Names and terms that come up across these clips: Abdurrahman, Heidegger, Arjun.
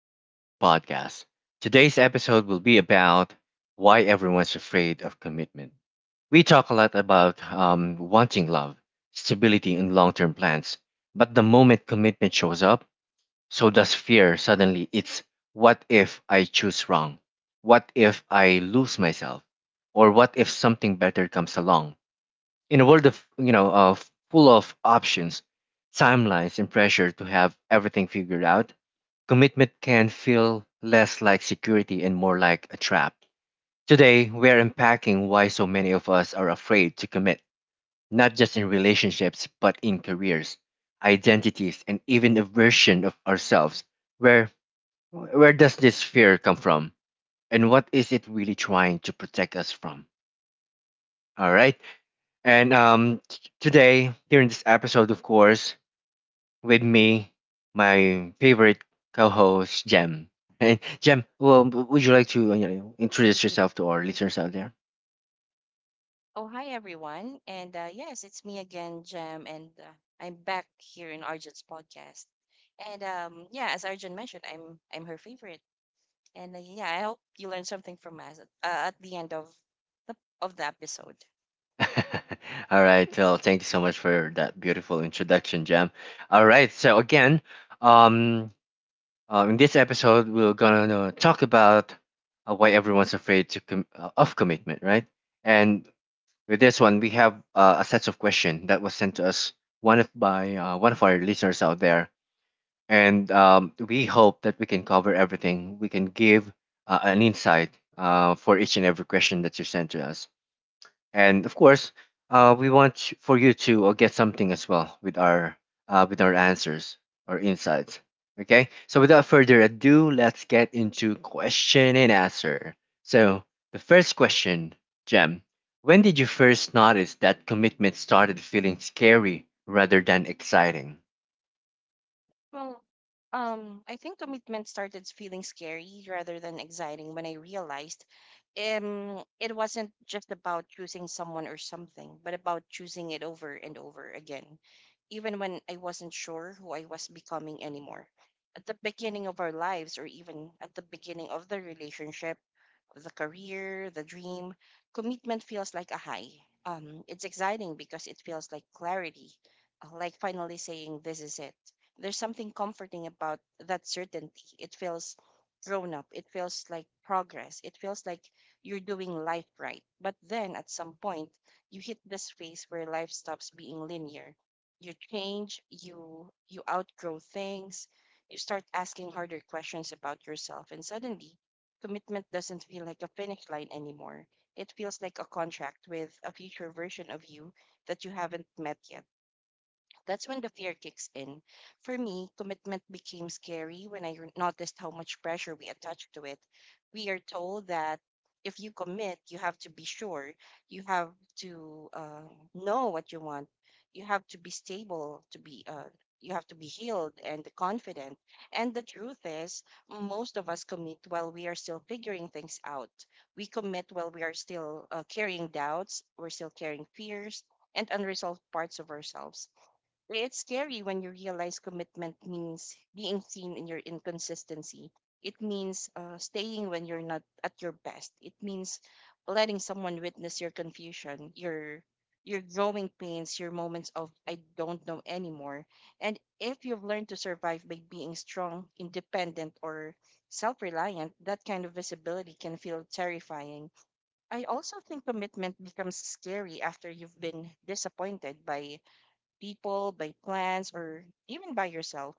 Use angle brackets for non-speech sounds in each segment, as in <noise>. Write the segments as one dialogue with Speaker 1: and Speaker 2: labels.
Speaker 1: to Arjun's podcast. Today's episode will be about why everyone's afraid of commitment. We talk a lot about wanting love, stability, and long term plans. But the moment commitment shows up, so does fear. Suddenly, it's what if I choose wrong? What if I lose myself? Or what if something better comes along? In a world of you know of full of options, timelines, and pressure to have everything figured out, commitment can feel less like security and more like a trap. Today, we're unpacking why so many of us are afraid to commit, not just in relationships, but in careers, identities, and even a version of ourselves. Where where does this fear come from? And what is it really trying to protect us from? All right. Today, here in this episode, of course, with me, my favorite co-host, Jem. And Jem, well, would you like to introduce yourself to our listeners out there?
Speaker 2: Oh, hi everyone. And yes, it's me again, Jem, and I'm back here in Arjun's podcast. And yeah, as Arjun mentioned, I'm her favorite. And yeah, I hope you learned something from us at the end the of the episode.
Speaker 1: <laughs> All right. Well, thank you so much for that beautiful introduction, Jem. All right. So again, um, in this episode, we're gonna talk about why everyone's afraid to of commitment, right? And With this one, we have a set of questions that was sent to us one of by one of our listeners out there, and we hope that we can cover everything. We can give an insight for each and every question that you sent to us and of course, we want for you to get something as well with our answers or insights. Okay, so without further ado, let's get into question and answer. So the first question, Jem, when did you first notice that commitment started feeling scary rather than exciting? <laughs>
Speaker 2: Well, I think commitment started feeling scary rather than exciting when I realized it wasn't just about choosing someone or something, but about choosing it over and over again, even when I wasn't sure who I was becoming anymore. At the beginning of our lives, or even at the beginning of the relationship, the career, the dream, commitment feels like a high. It's exciting because it feels like clarity, like finally saying, "This is it." There's something comforting about that certainty. It feels grown up. It feels like progress. It feels like you're doing life right. But then at some point, you hit this phase where life stops being linear. You change, you outgrow things, you start asking harder questions about yourself, and suddenly commitment doesn't feel like a finish line anymore. It feels like a contract with a future version of you that you haven't met yet. That's when the fear kicks in. For me, commitment became scary when I noticed how much pressure we attach to it. We are told that if you commit, you have to be sure, you have to know what you want, you have to be stable, to be you have to be healed and confident. And the truth is, most of us commit while we are still figuring things out. We commit while we are still carrying doubts, we're still carrying fears and unresolved parts of ourselves. It's scary when you realize commitment means being seen in your inconsistency. It means staying when you're not at your best. It means letting someone witness your confusion, your growing pains, your moments of "I don't know anymore." And if you've learned to survive by being strong, independent, or self-reliant, that kind of visibility can feel terrifying. I also think commitment becomes scary after you've been disappointed by people, by plans, or even by yourself.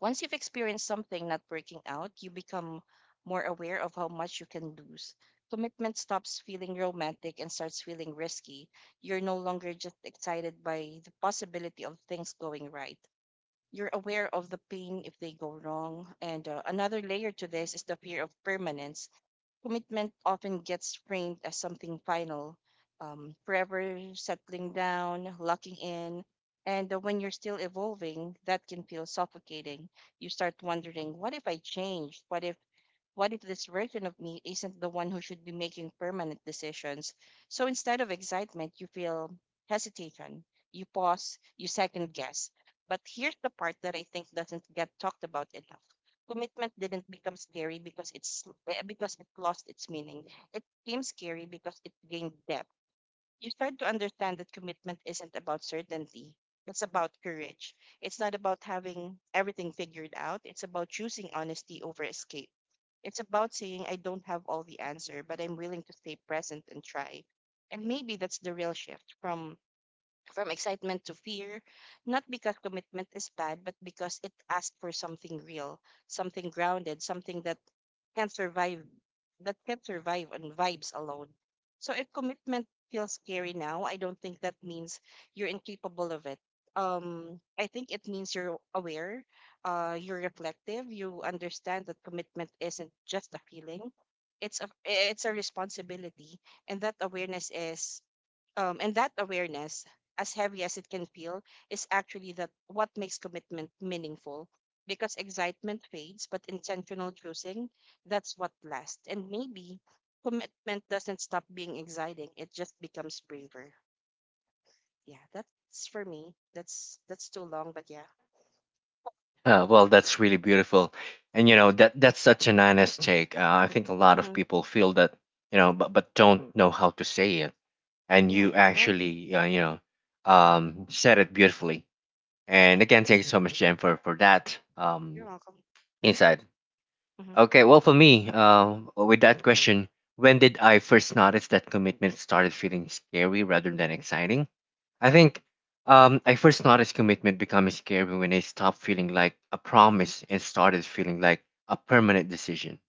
Speaker 2: Once you've experienced something not working out, you become more aware of how much you can lose. Commitment stops feeling romantic and starts feeling risky. You're no longer just excited by the possibility of things going right. You're aware of the pain if they go wrong. And another layer to this is the fear of permanence. Commitment often gets framed as something final, forever, settling down, locking in. And when you're still evolving, that can feel suffocating. You start wondering, what if I change? What if, what if this version of me isn't the one who should be making permanent decisions? So instead of excitement, you feel hesitation, you pause, you second guess. But here's the part that I think doesn't get talked about enough. Commitment didn't become scary because because it lost its meaning. It became scary because it gained depth. You start to understand that commitment isn't about certainty. It's about courage. It's not about having everything figured out. It's about choosing honesty over escape. It's about saying, "I don't have all the answer, but I'm willing to stay present and try." And maybe that's the real shift from excitement to fear, not because commitment is bad, but because it asks for something real, something grounded, something that can survive, that can survive on vibes alone. So if commitment feels scary now, I don't think that means you're incapable of it. I think it means you're aware, you're reflective, you understand that commitment isn't just a feeling. It's a responsibility, and that awareness is um, and that awareness, as heavy as it can feel, is actually that what makes commitment meaningful. Because excitement fades, but intentional choosing, that's what lasts. And maybe commitment doesn't stop being exciting; it just becomes braver. Yeah, that's for me. That's too long, but yeah.
Speaker 1: Well, that's really beautiful, and you know that that's such an honest take. I think a lot of
Speaker 2: Mm-hmm.
Speaker 1: people feel that, you know, but don't know how to say it, and
Speaker 2: Yeah,
Speaker 1: you
Speaker 2: probably.
Speaker 1: actually, said it beautifully. And again, thank you so much, Jen, for that
Speaker 2: You're welcome.
Speaker 1: insight.
Speaker 2: Mm-hmm.
Speaker 1: Okay, well, for me, with that question, when did I first notice that commitment started feeling scary rather than exciting? I think I first noticed commitment becoming scary when it stopped feeling like a promise and started feeling like a permanent decision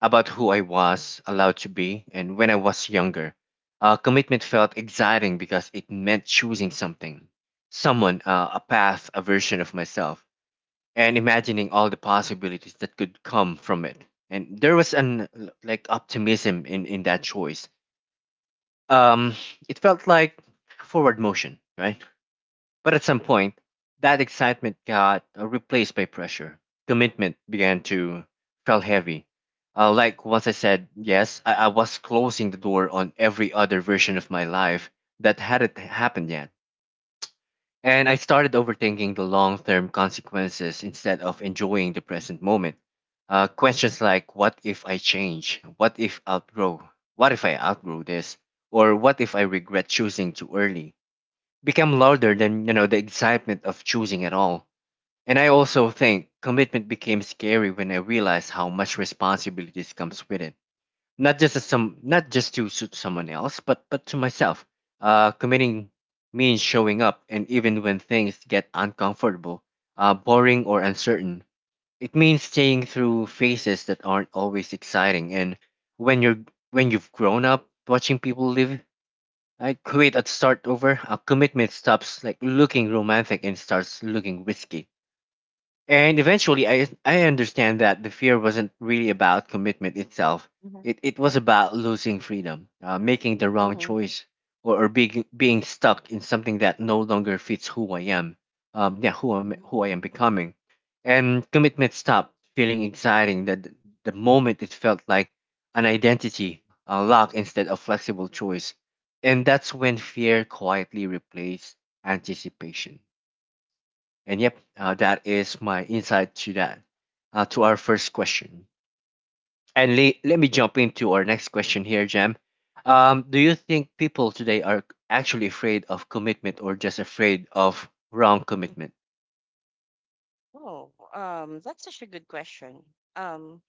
Speaker 1: about who I was allowed to be. And when I was younger, commitment felt exciting because it meant choosing something, someone, a path, a version of myself, and imagining all the possibilities that could come from it. And there was an like optimism in that choice. Um, it felt like forward motion, right? But at some point, that excitement got replaced by pressure. Commitment began to feel heavy. Like once I said yes, I was closing the door on every other version of my life that hadn't happened yet. And I started overthinking the long term consequences instead of enjoying the present moment. Questions like what if I change? What if outgrow? What if I outgrow this? Or what if I regret choosing too early? Became louder than the excitement of choosing at all. And I also think commitment became scary when I realized how much responsibilities comes with it. Not just to suit someone else, but to myself. Committing means showing up, and even when things get uncomfortable, boring or uncertain, it means staying through phases that aren't always exciting. And when you're when you've grown up watching people live I quit and start over. A commitment stops like looking romantic and starts looking risky. And eventually, I understand that the fear wasn't really about commitment itself.
Speaker 2: Mm-hmm.
Speaker 1: It was about losing freedom, making the wrong choice, or being stuck in something that no longer fits who I am. Who I
Speaker 2: Mm-hmm.
Speaker 1: am becoming. And commitment stopped feeling exciting that the moment it felt like an identity lock instead of flexible choice. And that's when fear quietly replaced anticipation. And yep, that is my insight to that, to our first question. And let me jump into our next question here, Jam. Do you think people today are actually afraid of commitment or just afraid of wrong commitment?
Speaker 2: Oh, that's such a good question. Um,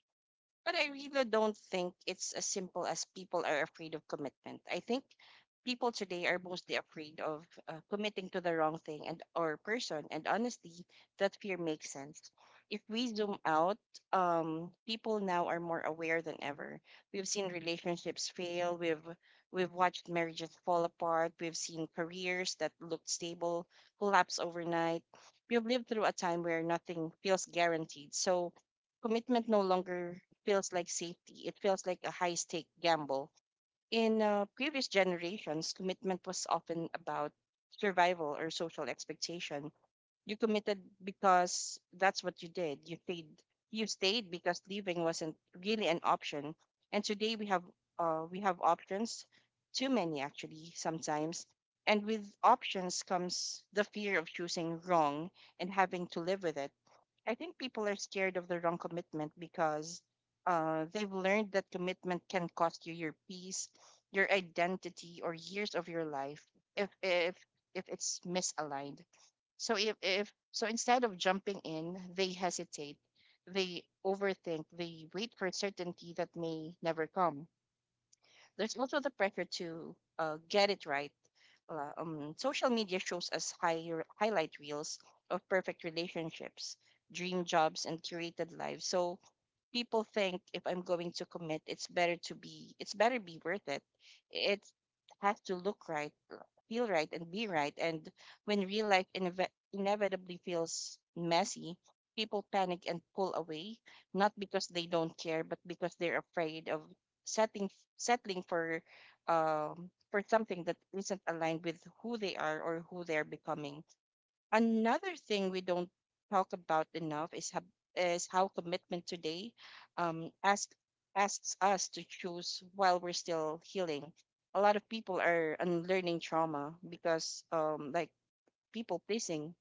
Speaker 2: But I really don't think it's as simple as people are afraid of commitment. I think people today are mostly afraid of committing to the wrong thing and or person. And honestly, that fear makes sense. If we zoom out, people now are more aware than ever. We've seen relationships fail. We've watched marriages fall apart. We've seen careers that looked stable collapse overnight. We've lived through a time where nothing feels guaranteed. So commitment no longer feels like safety. It feels like a high stake gamble. In previous generations, commitment was often about survival or social expectation. You committed because that's what you did. You stayed. You stayed because leaving wasn't really an option. And today we have options, too many actually sometimes. And with options comes the fear of choosing wrong and having to live with it. I think people are scared of the wrong commitment because they've learned that commitment can cost you your peace, your identity, or years of your life if if if it's misaligned. So if so, instead of jumping in, they hesitate, they overthink, they wait for certainty that may never come. There's also the pressure to get it right. Social media shows us highlight reels of perfect relationships, dream jobs, and curated lives. So people think if I'm going to commit, it's better be worth it. It has to look right, feel right, and be right. And when real life inevitably feels messy, people panic and pull away, not because they don't care, but because they're afraid of setting settling for for something that isn't aligned with who they are or who they're becoming. Another thing we don't talk about enough is how commitment today um, ask, asks us to choose while we're still healing. A lot of people are unlearning trauma because, like, people pleasing,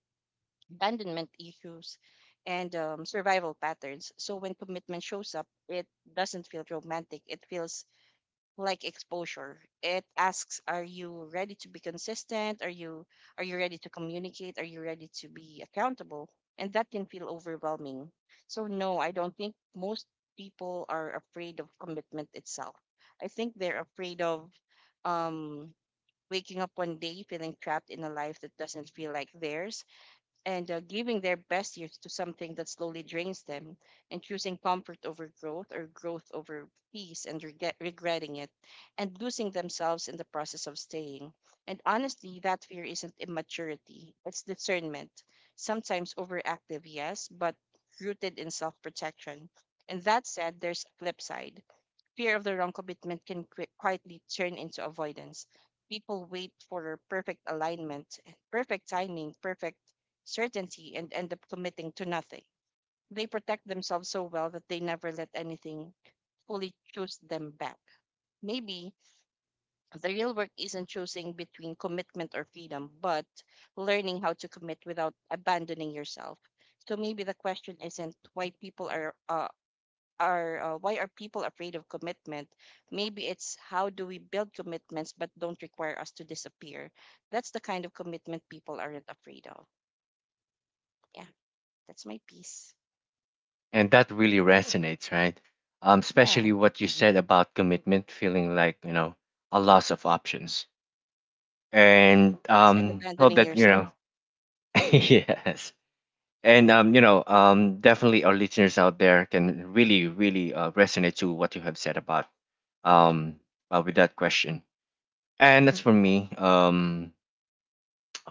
Speaker 2: abandonment issues, and survival patterns. So when commitment shows up, it doesn't feel romantic, it feels like exposure. It asks, are you ready to be consistent? Are you ready to communicate? Are you ready to be accountable? And that can feel overwhelming. So no, I don't think most people are afraid of commitment itself. I think they're afraid of um waking up one day feeling trapped in a life that doesn't feel like theirs and giving their best years to something that slowly drains them, and choosing comfort over growth or growth over peace and regretting it and losing themselves in the process of staying. And honestly, that fear isn't immaturity, it's discernment. Sometimes overactive, yes, but rooted in self protection. And that said, there's a flip side. Fear of the wrong commitment can quietly turn into avoidance. People wait for perfect alignment, perfect timing, perfect certainty, and end up committing to nothing. They protect themselves so well that they never let anything fully choose them back. Maybe the real work isn't choosing between commitment or freedom, but learning how to commit without abandoning yourself. So maybe the question isn't why people are why are people afraid of commitment? Maybe it's how do we build commitments but don't require us to disappear. That's the kind of commitment people aren't afraid of. Yeah, that's my piece.
Speaker 1: And that really resonates, right?
Speaker 2: Yeah,
Speaker 1: Especially what you said about commitment feeling like, you know, a loss of options. And
Speaker 2: yes, and
Speaker 1: hope
Speaker 2: abandoning
Speaker 1: that, you
Speaker 2: yourself.
Speaker 1: know, <laughs>
Speaker 2: Hmm.
Speaker 1: yes. And definitely our listeners out there can really, really resonate to what you have said about um with that question. And that's for me. Um,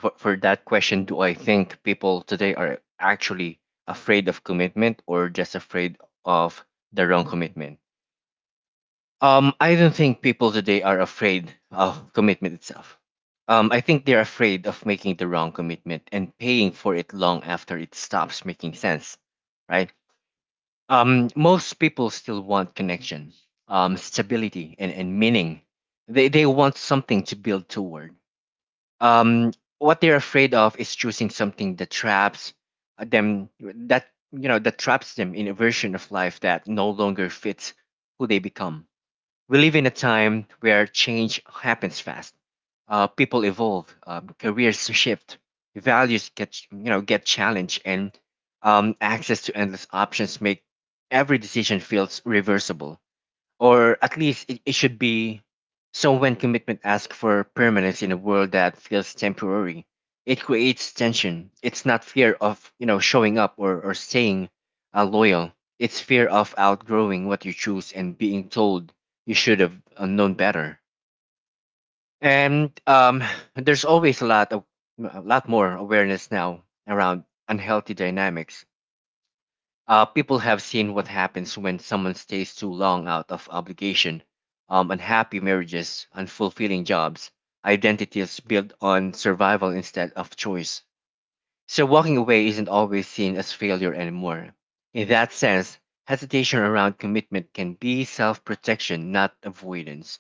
Speaker 1: for, For that question, do I think people today are actually afraid of commitment or just afraid of the wrong commitment? I don't think people today are afraid of commitment itself. I think they're afraid of making the wrong commitment and paying for it long after it stops making sense, right? Most people still want connection, stability, and meaning. They want something to build toward. Um, what they're afraid of is choosing something that traps them, that, you know, that traps them in a version of life that no longer fits who they become. We live in a time where change happens fast. People evolve, careers shift, values get you know get challenged, and access to endless options make every decision feels reversible, or at least it should be. So when commitment asks for permanence in a world that feels temporary, it creates tension. It's not fear of showing up or staying loyal. It's fear of outgrowing what you choose and being told you should have known better. And <sighs> there's always a lot more awareness now around unhealthy dynamics. People have seen what happens when someone stays too long out of obligation. Unhappy marriages, unfulfilling jobs, identities built on survival instead of choice. So walking away isn't always seen as failure anymore. In that sense, hesitation around commitment can be self protection, not avoidance.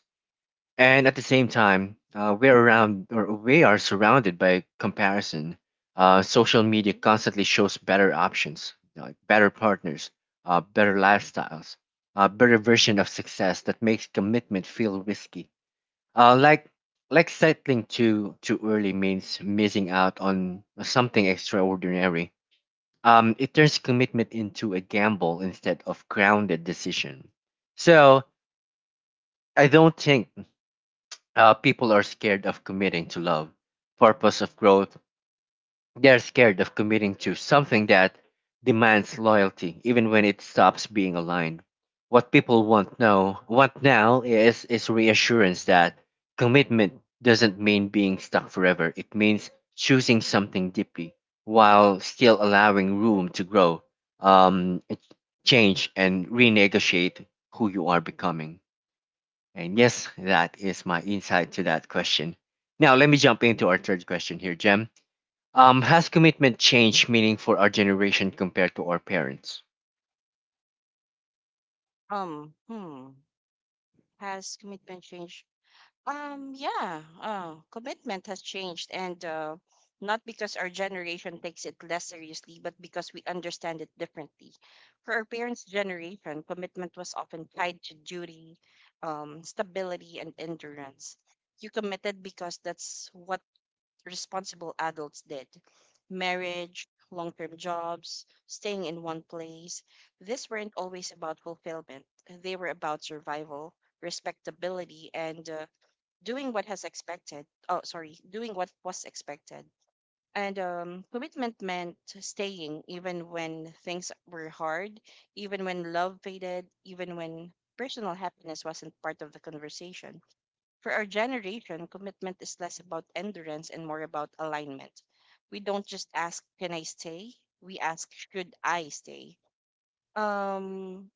Speaker 1: And at the same time, we're around or we are surrounded by comparison. Social media constantly shows better options, like better partners, better lifestyles, a better version of success that makes commitment feel risky. Uh, like like settling too early means missing out on something extraordinary. It turns commitment into a gamble instead of grounded decision. So I don't think people are scared of committing to love, purpose of growth. They're scared of committing to something that demands loyalty, even when it stops being aligned. What people want now is reassurance that commitment doesn't mean being stuck forever. It means choosing something deeply while still allowing room to grow, um, change, and renegotiate who you are becoming. And yes, that is my insight to that question. Now, let me jump into our third question here, Jem. Has commitment changed meaning for our generation compared to our parents?
Speaker 2: Um, hmm. Has commitment changed? Yeah, commitment has changed, and not because our generation takes it less seriously, but because we understand it differently. For our parents' generation, commitment was often tied to duty, stability, and endurance. You committed because that's what responsible adults did. Marriage, long term jobs, staying in one place. These weren't always about fulfillment, they were about survival, respectability, and doing what was expected. And commitment meant staying even when things were hard, even when love faded, even when personal happiness wasn't part of the conversation. For our generation, commitment is less about endurance and more about alignment. We don't just ask, can I stay? We ask, should I stay? um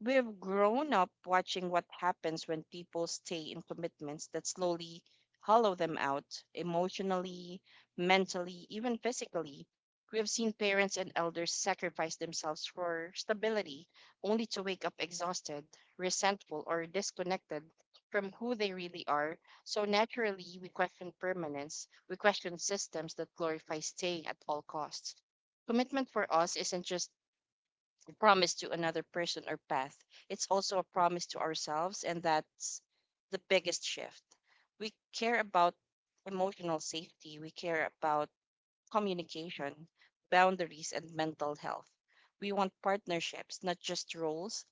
Speaker 2: we've grown up watching what happens when people stay in commitments that slowly hollow them out emotionally, mentally, even physically. We have seen parents and elders sacrifice themselves for stability, only to wake up exhausted, resentful, or disconnected from who they really are. So naturally, we question permanence. We question systems that glorify stay at all costs. Commitment for us isn't just promise to another person or path. It's also a promise to ourselves, and that's the biggest shift. We care about emotional safety, we care about communication, boundaries, and mental health. We want partnerships, not just roles.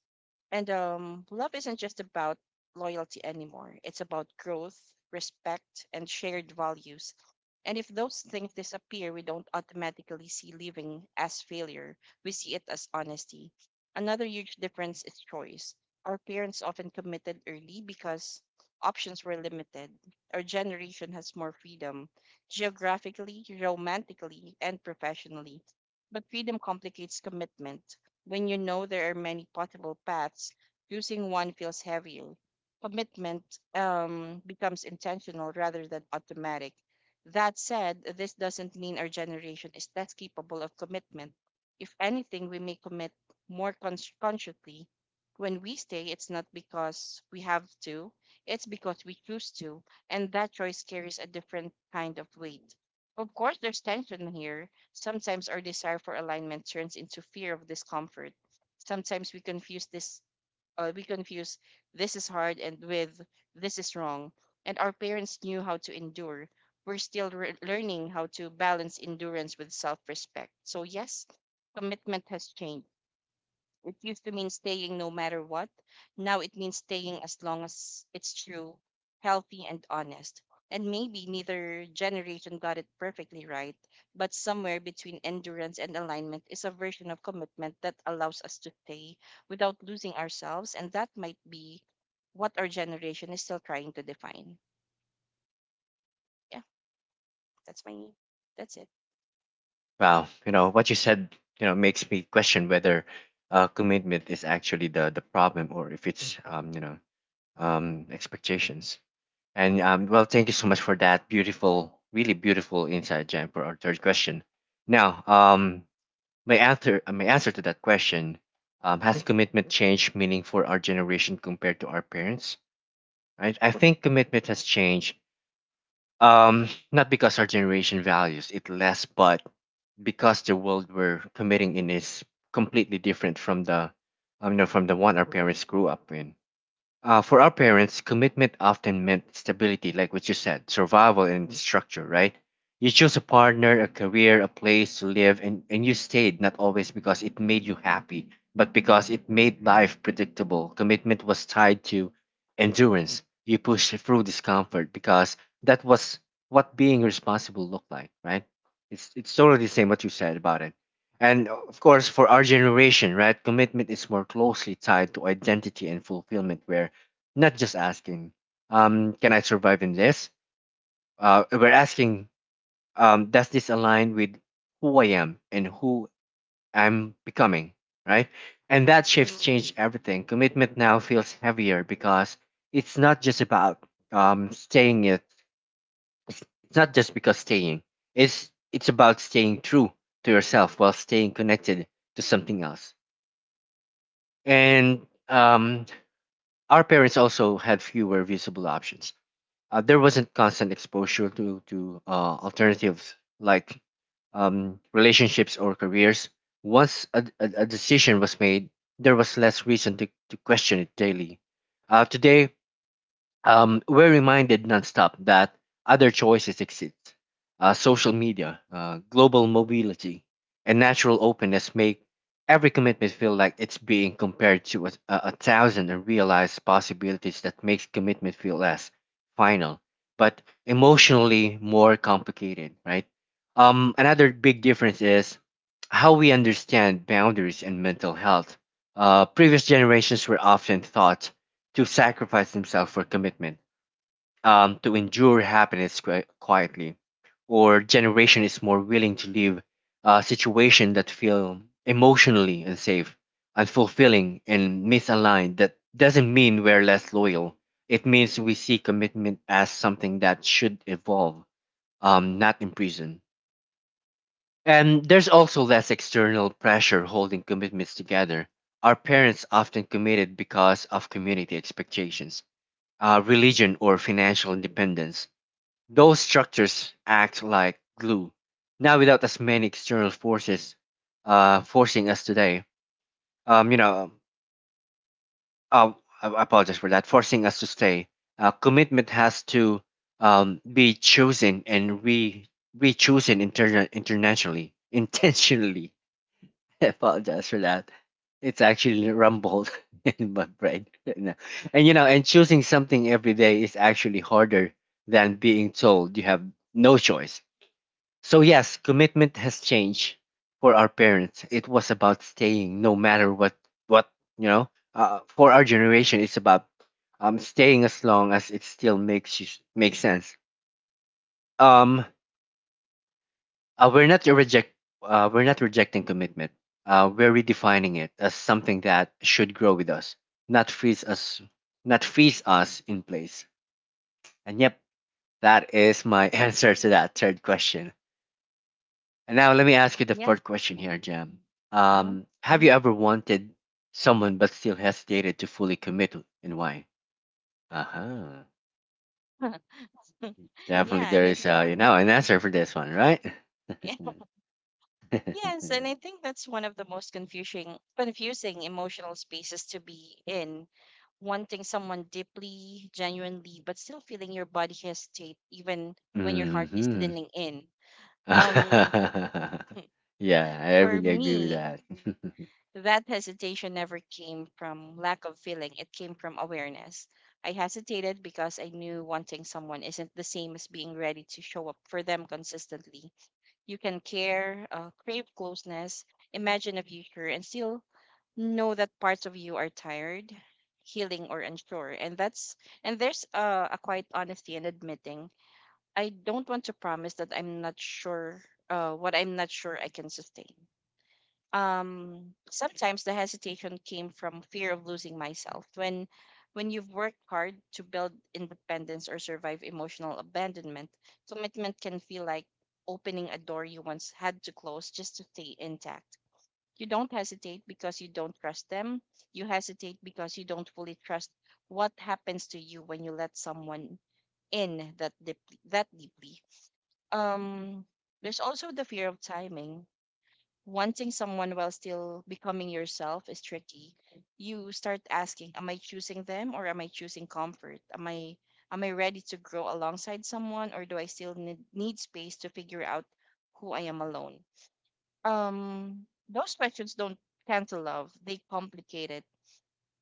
Speaker 2: And love isn't just about loyalty anymore. It's about growth, respect, and shared values. And if those things disappear, we don't automatically see living as failure. We see it as honesty. Another huge difference is choice. Our parents often committed early because options were limited. Our generation has more freedom, geographically, romantically, and professionally. But freedom complicates commitment. When you know there are many possible paths, choosing one feels heavier. Commitment becomes intentional rather than automatic. That said, this doesn't mean our generation is less capable of commitment. If anything, we may commit consciously. When we stay, it's not because we have to, it's because we choose to, and that choice carries a different kind of weight. Of course, there's tension here. Sometimes our desire for alignment turns into fear of discomfort. Sometimes we confuse this is hard and with this is wrong. And our parents knew how to endure. We're still learning how to balance endurance with self-respect. So yes, commitment has changed. It used to mean staying no matter what. Now it means staying as long as it's true, healthy, and honest. And maybe neither generation got it perfectly right, but somewhere between endurance and alignment is a version of commitment that allows us to stay without losing ourselves. And that might be what our generation is still trying to define. Yeah, that's my, that's it.
Speaker 1: Wow, you know what you said, you know, makes me question whether commitment is actually the problem or if it's expectations. And well, thank you so much for that beautiful, really beautiful insight, Jem, for our third question. Now, my answer to that question, has commitment changed meaning for our generation compared to our parents? Right? I think commitment has changed. Not because our generation values it less, but because the world we're committing in is completely different from from the one our parents grew up in. For our parents, commitment often meant stability, like what you said, survival and structure, right? You chose a partner, a career, a place to live, and you stayed not always because it made you happy, but because it made life predictable. Commitment was tied to endurance. You pushed through discomfort because that was what being responsible looked like, right? It's totally the same what you said about it. And of course, for our generation, right, commitment is more closely tied to identity and fulfillment, where not just asking, can I survive in this? We're asking, does this align with who I am and who I'm becoming, right? And that shift changed everything. Commitment now feels heavier because it's not just about staying it. It's not just because staying. It's about staying true to yourself while staying connected to something else. And um, our parents also had fewer visible options. There wasn't constant exposure to alternatives like relationships or careers. Once a decision was made, there was less reason to question it daily. Today, we're reminded nonstop that other choices exist. Social media, global mobility, and natural openness make every commitment feel like it's being compared to a thousand unrealized possibilities that makes commitment feel less final, but emotionally more complicated, right? Another big difference is how we understand boundaries and mental health. Previous generations were often thought to sacrifice himself for commitment, to endure happiness quietly, or generation is more willing to leave a situation that feel emotionally unsafe, unfulfilling, and misaligned. That doesn't mean we're less loyal. It means we see commitment as something that should evolve, not imprison. And there's also less external pressure holding commitments together. Our parents often committed because of community expectations, religion, or financial independence. Those structures act like glue. Now, without as many external forces forcing us today, um, you know, um, I I apologize for that, forcing us to stay. Commitment has to be chosen and re- chosen internationally, <laughs> intentionally. <laughs> I apologize for that. It's actually rumbled <laughs> in my brain right now. And you know, and choosing something every day is actually harder than being told you have no choice. So yes, commitment has changed. For our parents, it was about staying no matter what, you know. For our generation it's about staying as long as it still makes sense. Um we're not reject. We're not rejecting commitment. We're redefining it as something that should grow with us, not freeze us, not freeze us in place. And yep, that is my <laughs> answer to that third question. And now let me ask you the
Speaker 2: Yeah.
Speaker 1: fourth question
Speaker 2: hmm
Speaker 1: here, Jam.
Speaker 2: hmm
Speaker 1: Have you ever wanted someone but still hesitated to fully commit, and why? Uh huh. Definitely,
Speaker 2: Yeah,
Speaker 1: there
Speaker 2: and I
Speaker 1: is
Speaker 2: think.
Speaker 1: an answer for this one, right?
Speaker 2: <laughs> Yes, and
Speaker 1: <laughs>
Speaker 2: I
Speaker 1: <laughs>
Speaker 2: think that's one of the most confusing emotional spaces to be in. Wanting someone deeply, genuinely, but still feeling your body hesitate even when your heart is
Speaker 1: Hmm.
Speaker 2: leaning in. Um,
Speaker 1: <laughs> Yeah, I
Speaker 2: for
Speaker 1: really agree with
Speaker 2: me,
Speaker 1: that.
Speaker 2: that hesitation never came from lack of feeling. It came from awareness. I hesitated because I knew wanting someone isn't the same as being ready to show up for them consistently. You can care, crave closeness, imagine a future, and still know that parts of you are tired, healing, or unsure. And there's a quiet honesty in admitting I don't want to promise that I'm not sure what I'm not sure I can sustain. Sometimes the hesitation came from fear of losing myself when you've worked hard to build independence or survive emotional abandonment, commitment can feel like opening a door you once had to close just to stay intact. You don't hesitate because you don't trust them. You hesitate because you don't fully trust what happens to you when you let someone in that deeply. That deeply. Um, there's also the fear of timing. Wanting someone while still becoming yourself is tricky. You start asking, "Am I choosing them or am I choosing comfort? Am I ready to grow alongside someone or do I still need space to figure out who I am alone?" Those questions don't cancel love, they complicate it.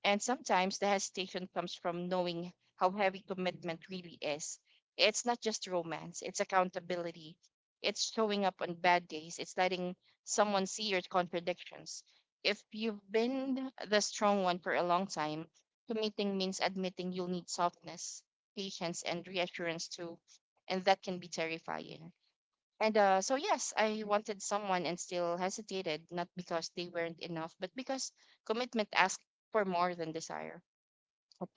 Speaker 2: And sometimes the hesitation comes from knowing how heavy commitment really is. It's not just romance, it's accountability, it's showing up on bad days, it's letting someone see your contradictions. If you've been the strong one for a long time, committing means admitting you'll need softness, patience, and reassurance too, and that can be terrifying. And so, yes, I wanted someone and still hesitated, not because they weren't enough, but because commitment asked for more than desire,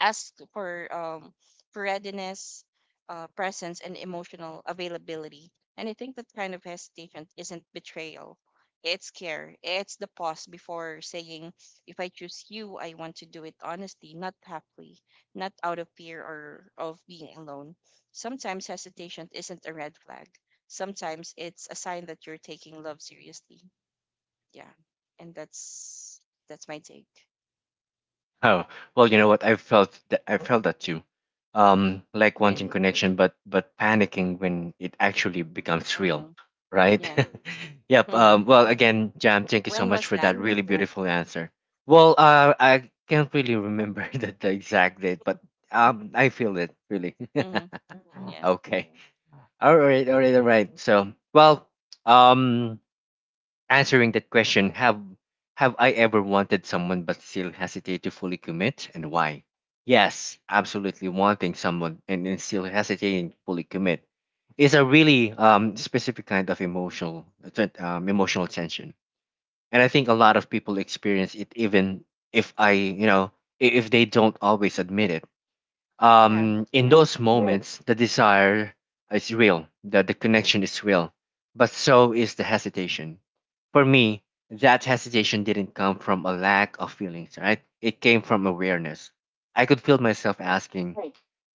Speaker 2: ask for readiness, presence, and emotional availability. And I think that kind of hesitation isn't betrayal. It's care. It's the pause before saying, if I choose you, I want to do it honestly, not halfway, not out of fear or of being alone. Sometimes hesitation isn't a red flag. Sometimes it's a sign that you're taking love seriously. Yeah. And That's my take.
Speaker 1: <laughs> Oh, well, you know what? I felt that too. Like wanting
Speaker 2: Really.
Speaker 1: connection, but panicking when it actually becomes real,
Speaker 2: Mm-hmm.
Speaker 1: right?
Speaker 2: Yeah.
Speaker 1: <laughs> Yep.
Speaker 2: Hmm.
Speaker 1: Well, again, Jam, thank you so
Speaker 2: When
Speaker 1: much
Speaker 2: was
Speaker 1: for
Speaker 2: that?
Speaker 1: that really beautiful answer. Well, I can't really remember <laughs> the exact date, but I feel it really.
Speaker 2: Mm-hmm.
Speaker 1: <laughs>
Speaker 2: Yeah.
Speaker 1: Okay. All right. All right. All right. So, well, um. answering that question, have I ever wanted someone but still hesitate to fully commit and why, yes absolutely, wanting someone and then still hesitating to fully commit is a really specific kind of emotional emotional tension, and I think a lot of people experience it even if I you know if they don't always admit it.
Speaker 2: Yeah.
Speaker 1: Um, in
Speaker 2: Right.
Speaker 1: those Yes. moments, the desire is real, the connection is real, but so is the hesitation. For me, that hesitation didn't come from a lack of feelings, right? It came from awareness. I could feel myself
Speaker 2: Right.
Speaker 1: asking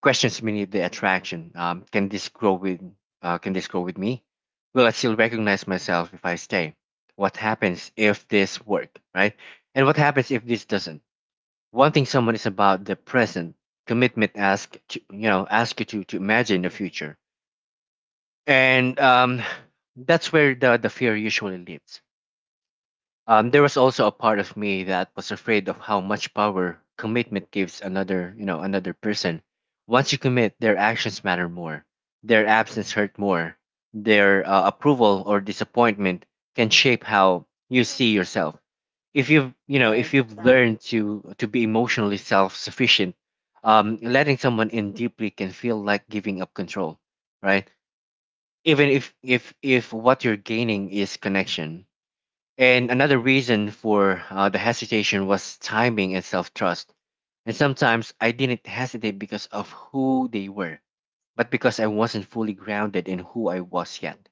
Speaker 1: questions beneath the attraction. Can this grow with? Can this grow with me? Will I still recognize myself if I stay? What happens if this work, right? And what happens if this doesn't? Wanting someone is about the present. Commitment ask to, you know, ask you to imagine the future, and that's where the fear usually lives. Um, there was also a part of me that was afraid of how much power commitment gives another, you know, another person. Once you commit, their actions matter more, their absence hurt more, their approval or disappointment can shape how you see yourself.
Speaker 2: Right.
Speaker 1: If you've learned to be emotionally self-sufficient, letting someone in deeply can feel like giving up control, right, even if what you're gaining is connection. And another reason for the hesitation was timing and self-trust. And sometimes I didn't hesitate because of who they were, but because I wasn't fully grounded in who I was yet.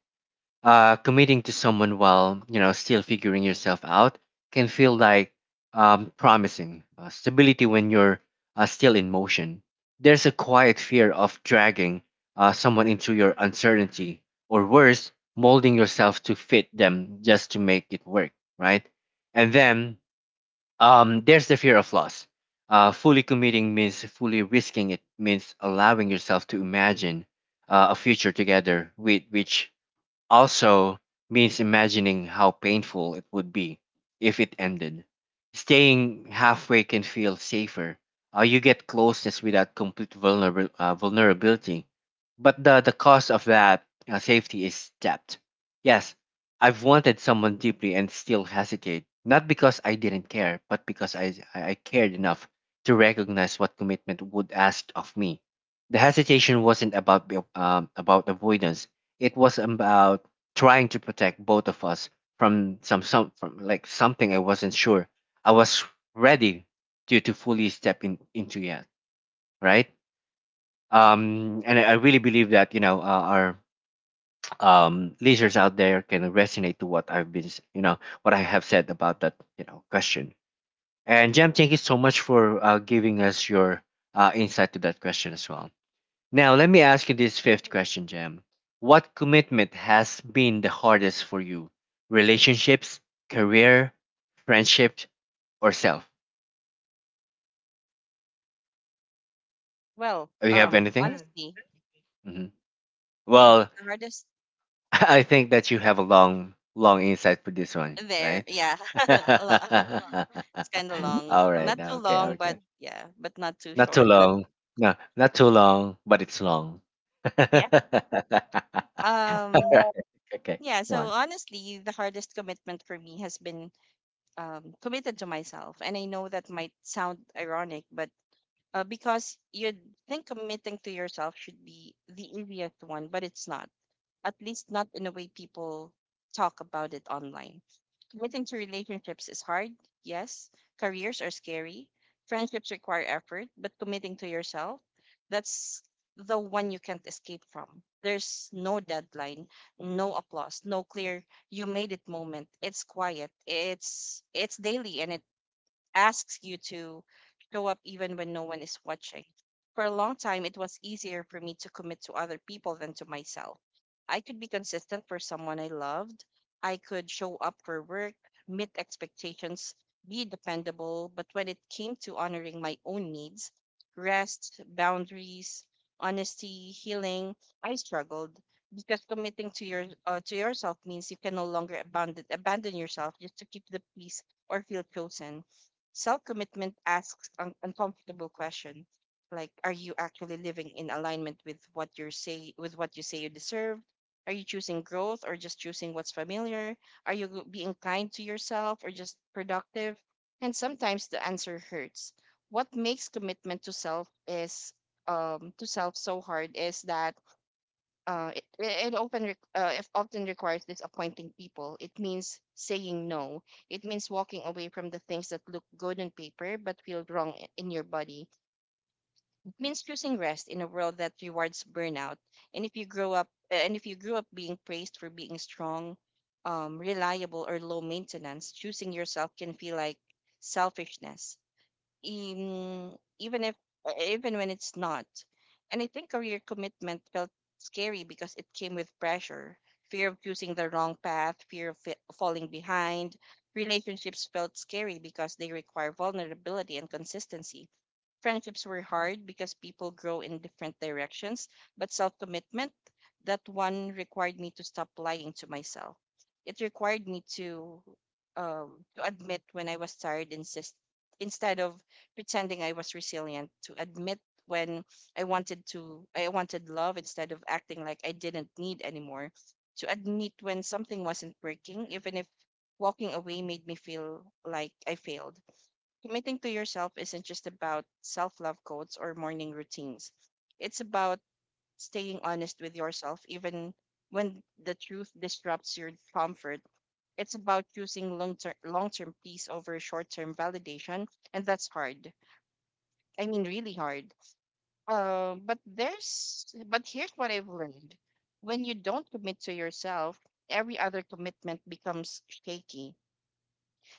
Speaker 1: Uh, committing to someone while, you know, still figuring yourself out can feel like promising stability when you're still in motion. There's a quiet fear of dragging someone into your uncertainty, or worse, molding yourself to fit them just to make it work, right? And then there's the fear of loss. Fully committing means fully risking it, means allowing yourself to imagine a future together with which also means imagining how painful it would be if it ended. Staying halfway can feel safer. You get closeness without complete vulnerability, but the cost of that safety is depth. Yes, I've wanted someone deeply and still hesitate, not because I didn't care, but because I cared enough to recognize what commitment would ask of me. The hesitation wasn't about about avoidance. It was about trying to protect both of us from something I wasn't sure I was ready to fully step in into yet, right? And I really believe that, you know, our listeners out there can resonate to what I've been s- you know what I have said about that, you know, question. And Jam, thank you so much for giving us your insight to that question as well. Now, let me ask you this fifth question, Jam. What commitment has been the hardest for you? Relationships, career, friendship, or self?
Speaker 2: Well,
Speaker 1: Do you have anything?
Speaker 2: honestly,
Speaker 1: Hmm.
Speaker 2: yeah,
Speaker 1: Well,
Speaker 2: the hardest
Speaker 1: <laughs> I think that you have a long, long insight for this one,
Speaker 2: there,
Speaker 1: right?
Speaker 2: yeah, <laughs> a
Speaker 1: <laughs>
Speaker 2: lot. <laughs> It's kind of long,
Speaker 1: All right.
Speaker 2: not too
Speaker 1: Okay.
Speaker 2: long, but
Speaker 1: Okay.
Speaker 2: yeah, but not too
Speaker 1: Not too
Speaker 2: short. That
Speaker 1: long. No, not too long, but it's long. <laughs>
Speaker 2: yeah. Um,
Speaker 1: Right, okay.
Speaker 2: yeah.
Speaker 1: Go
Speaker 2: So
Speaker 1: on.
Speaker 2: honestly, the hardest commitment for me has been committed to myself, and I know that might sound ironic, but because you'd think committing to yourself should be the easiest one, but it's not, at least not in a way people talk about it online. Committing to relationships is hard, yes. Careers are scary. Friendships require effort, but committing to yourself, that's the one you can't escape from. There's no deadline, no applause, no clear you made it moment. It's quiet. It's daily and it asks you to show up even when no one is watching. For a long time, it was easier for me to commit to other people than to myself. I could be consistent for someone I loved. I could show up for work, meet expectations, be dependable. But when it came to honoring my own needs, rest, boundaries, honesty, healing, I struggled because committing to yourself means you can no longer abandon yourself just to keep the peace or feel chosen. Self commitment asks an uncomfortable question like are you actually living in alignment with what you say with what you say you deserve? Are you choosing growth or just choosing what's familiar? Are you being kind to yourself or just productive? And sometimes the answer hurts. What makes commitment to self is to self so hard is that it often it often requires disappointing people. It means saying no. It means walking away from the things that look good on paper but feel wrong in your body. It means choosing rest in a world that rewards burnout. And if you grew up being praised for being strong, reliable or low maintenance, choosing yourself can feel like selfishness in, even if even when it's not. And I think career commitment felt scary because it came with pressure, fear of choosing the wrong path, fear of falling behind. Relationships felt scary because they require vulnerability and consistency. Friendships were hard because people grow in different directions, but self commitment, that one required me to stop lying to myself. It required me to admit when I was instead of pretending I was resilient, to admit when I wanted love instead of acting like I didn't need anymore, to admit when something wasn't working, even if walking away made me feel like I failed. Committing to yourself isn't just about self love quotes or morning routines, it's about staying honest with yourself, even when the truth disrupts your comfort. It's about choosing long term peace over short term validation, and that's hard. I mean, really hard. But here's what I've learned: when you don't commit to yourself, every other commitment becomes shaky.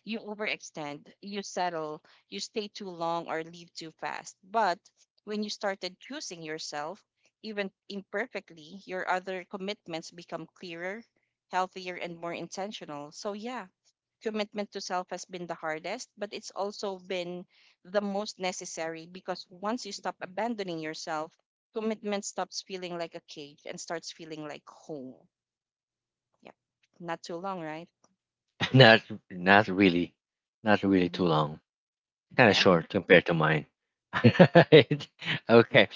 Speaker 2: You overextend, you settle, you stay too long or leave too fast. But when you started choosing yourself, even imperfectly, your other commitments become clearer, healthier, and more intentional. So, yeah, commitment to self has been the hardest, but it's also been the most necessary, because once you stop abandoning yourself, commitment stops feeling like a cage and starts feeling like home. Yep. Not too long, right?
Speaker 1: <laughs> Not, not really. Not really too
Speaker 2: Hmm.
Speaker 1: long. Kind of
Speaker 2: Yeah. <laughs>
Speaker 1: short compared to mine. <laughs> Okay.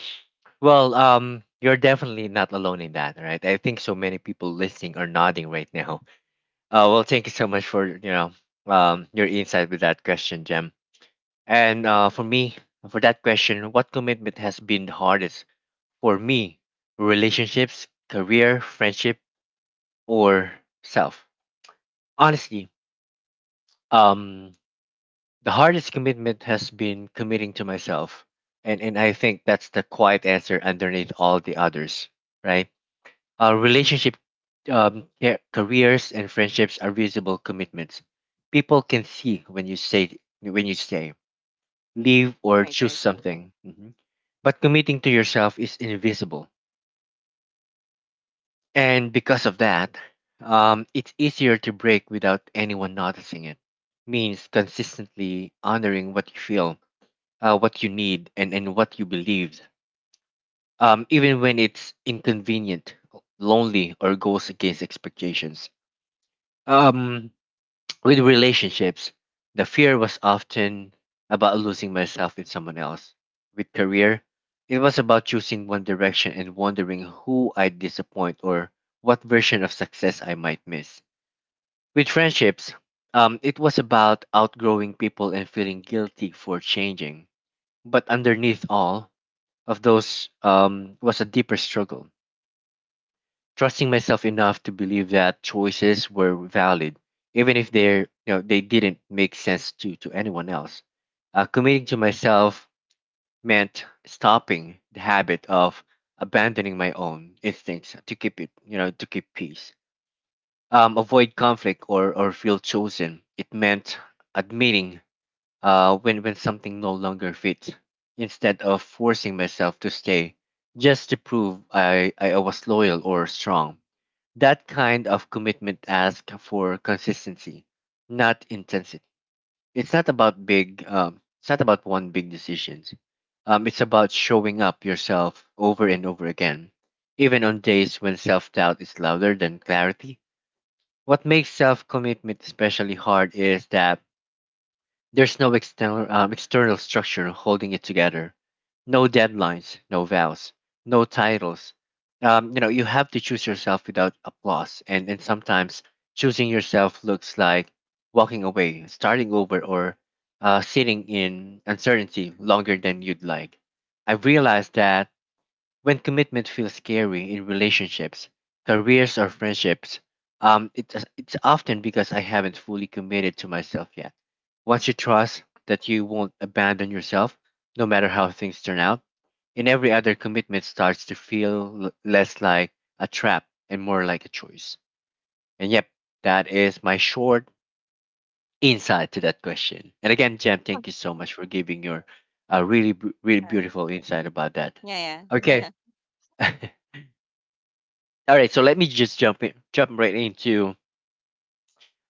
Speaker 1: Well, you're definitely not alone in that, right? I think so many people listening are nodding right now. Well, thank you so much for, you know, your insight with that question, Jem. And for me, for that question, what commitment has been the hardest for me? Relationships, career, friendship, or self? Honestly, um, the hardest commitment has been committing to myself. And I think that's the quiet answer underneath all the others, right? Our relationship, careers and friendships are visible commitments. People can see when you say leave or
Speaker 2: Right,
Speaker 1: choose
Speaker 2: right.
Speaker 1: something. Mhm. But committing to yourself is invisible. And because of that, it's easier to break without anyone noticing it. Means consistently honoring what you feel, what you need, and what you believed, even when it's inconvenient, lonely, or goes against expectations. Um, <tsk> with relationships, the fear was often about losing myself in someone else. With career, it was about choosing one direction and wondering who I'd disappoint or what version of success I might miss. With friendships, it was about outgrowing people and feeling guilty for changing. But underneath all, of those was a deeper struggle, trusting myself enough to believe that choices were valid, even if they, you know, they didn't make sense to anyone else. Committing to myself meant stopping the habit of abandoning my own instincts to keep it you know to keep peace, avoid conflict or feel chosen. It meant admitting when something no longer fits, instead of forcing myself to stay just to prove I was loyal or strong. That kind of commitment asks for consistency, not intensity. It's not about big, it's not about one big decision. It's about showing up yourself over and over again, even on days when self doubt is louder than clarity. What makes self commitment especially hard is that there's no external, external structure holding it together. No deadlines, no vows, no titles. You know, you have to choose yourself without applause, and sometimes choosing yourself looks like walking away, starting over, or sitting in uncertainty longer than you'd like. I've realized that when commitment feels scary in relationships, careers, or friendships, it's often because I haven't fully committed to myself yet. Once you trust that you won't abandon yourself, no matter how things turn out, in every other commitment starts to feel less like a trap and more like a choice. And yep, that is my short insight to that question. And again, Jem, thank you so much for giving your really, really beautiful insight about that.
Speaker 2: Yeah, yeah, <laughs>
Speaker 1: Okay.
Speaker 2: yeah.
Speaker 1: <laughs> All right, so let me just jump in, jump right into.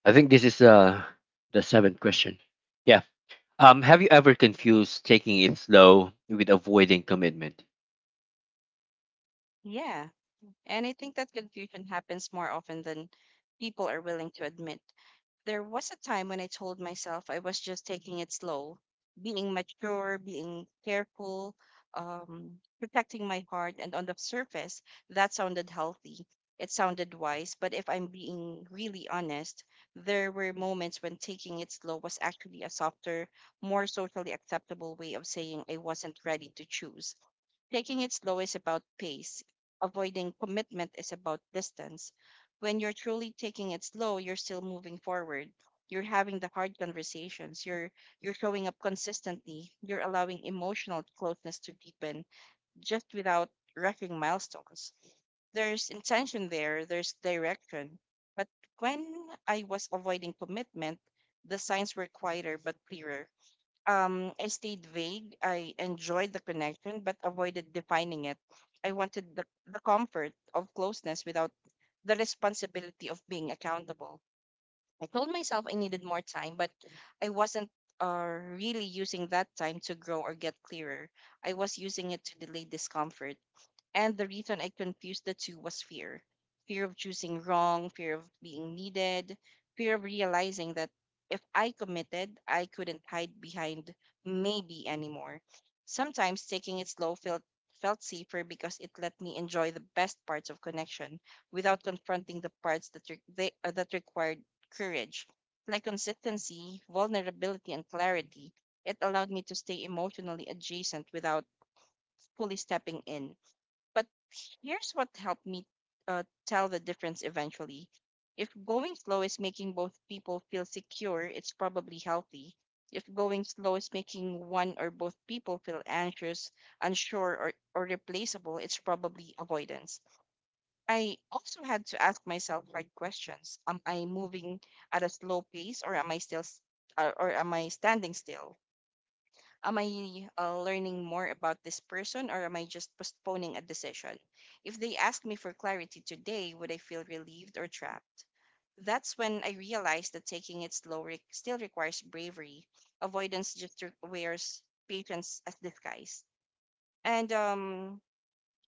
Speaker 1: I think this is the seventh question. Yeah. Have you ever confused taking it slow with avoiding commitment?
Speaker 2: Yeah. And I think that confusion happens more often than people are willing to admit. There was a time when I told myself I was just taking it slow, being mature, being careful, protecting my heart. And on the surface, that sounded healthy. It sounded wise. But if I'm being really honest, there were moments when taking it slow was actually a softer, more socially acceptable way of saying I wasn't ready to choose. Taking it slow is about pace. Avoiding commitment is about distance. When you're truly taking it slow, you're still moving forward. You're having the hard conversations. You're showing up consistently. You're allowing emotional closeness to deepen just without wrecking milestones. There's intention there, there's direction. But when I was avoiding commitment, the signs were quieter but clearer. I stayed vague. I enjoyed the connection, but avoided defining it. I wanted the comfort of closeness without the responsibility of being accountable. I told myself I needed more time, but I wasn't really using that time to grow or get clearer. I was using it to delay discomfort. And the reason I confused the two was fear of choosing wrong, fear of being needed, fear of realizing that if I committed, I couldn't hide behind maybe anymore. Sometimes taking it slow felt safer because it let me enjoy the best parts of connection without confronting the parts that that required courage, like consistency, vulnerability, and clarity. It allowed me to stay emotionally adjacent without fully stepping in. But here's what helped me tell the difference eventually. If going slow is making both people feel secure, it's probably healthy. If going slow is making one or both people feel anxious, unsure, or replaceable, it's probably avoidance. I also had to ask myself hard questions. Am I moving at a slow pace or am I or am I standing still? Am I learning more about this person or am I just postponing a decision? If they ask me for clarity today, would I feel relieved or trapped? That's when I realized that taking it slow re- still requires bravery. Avoidance just wears patience as disguise. And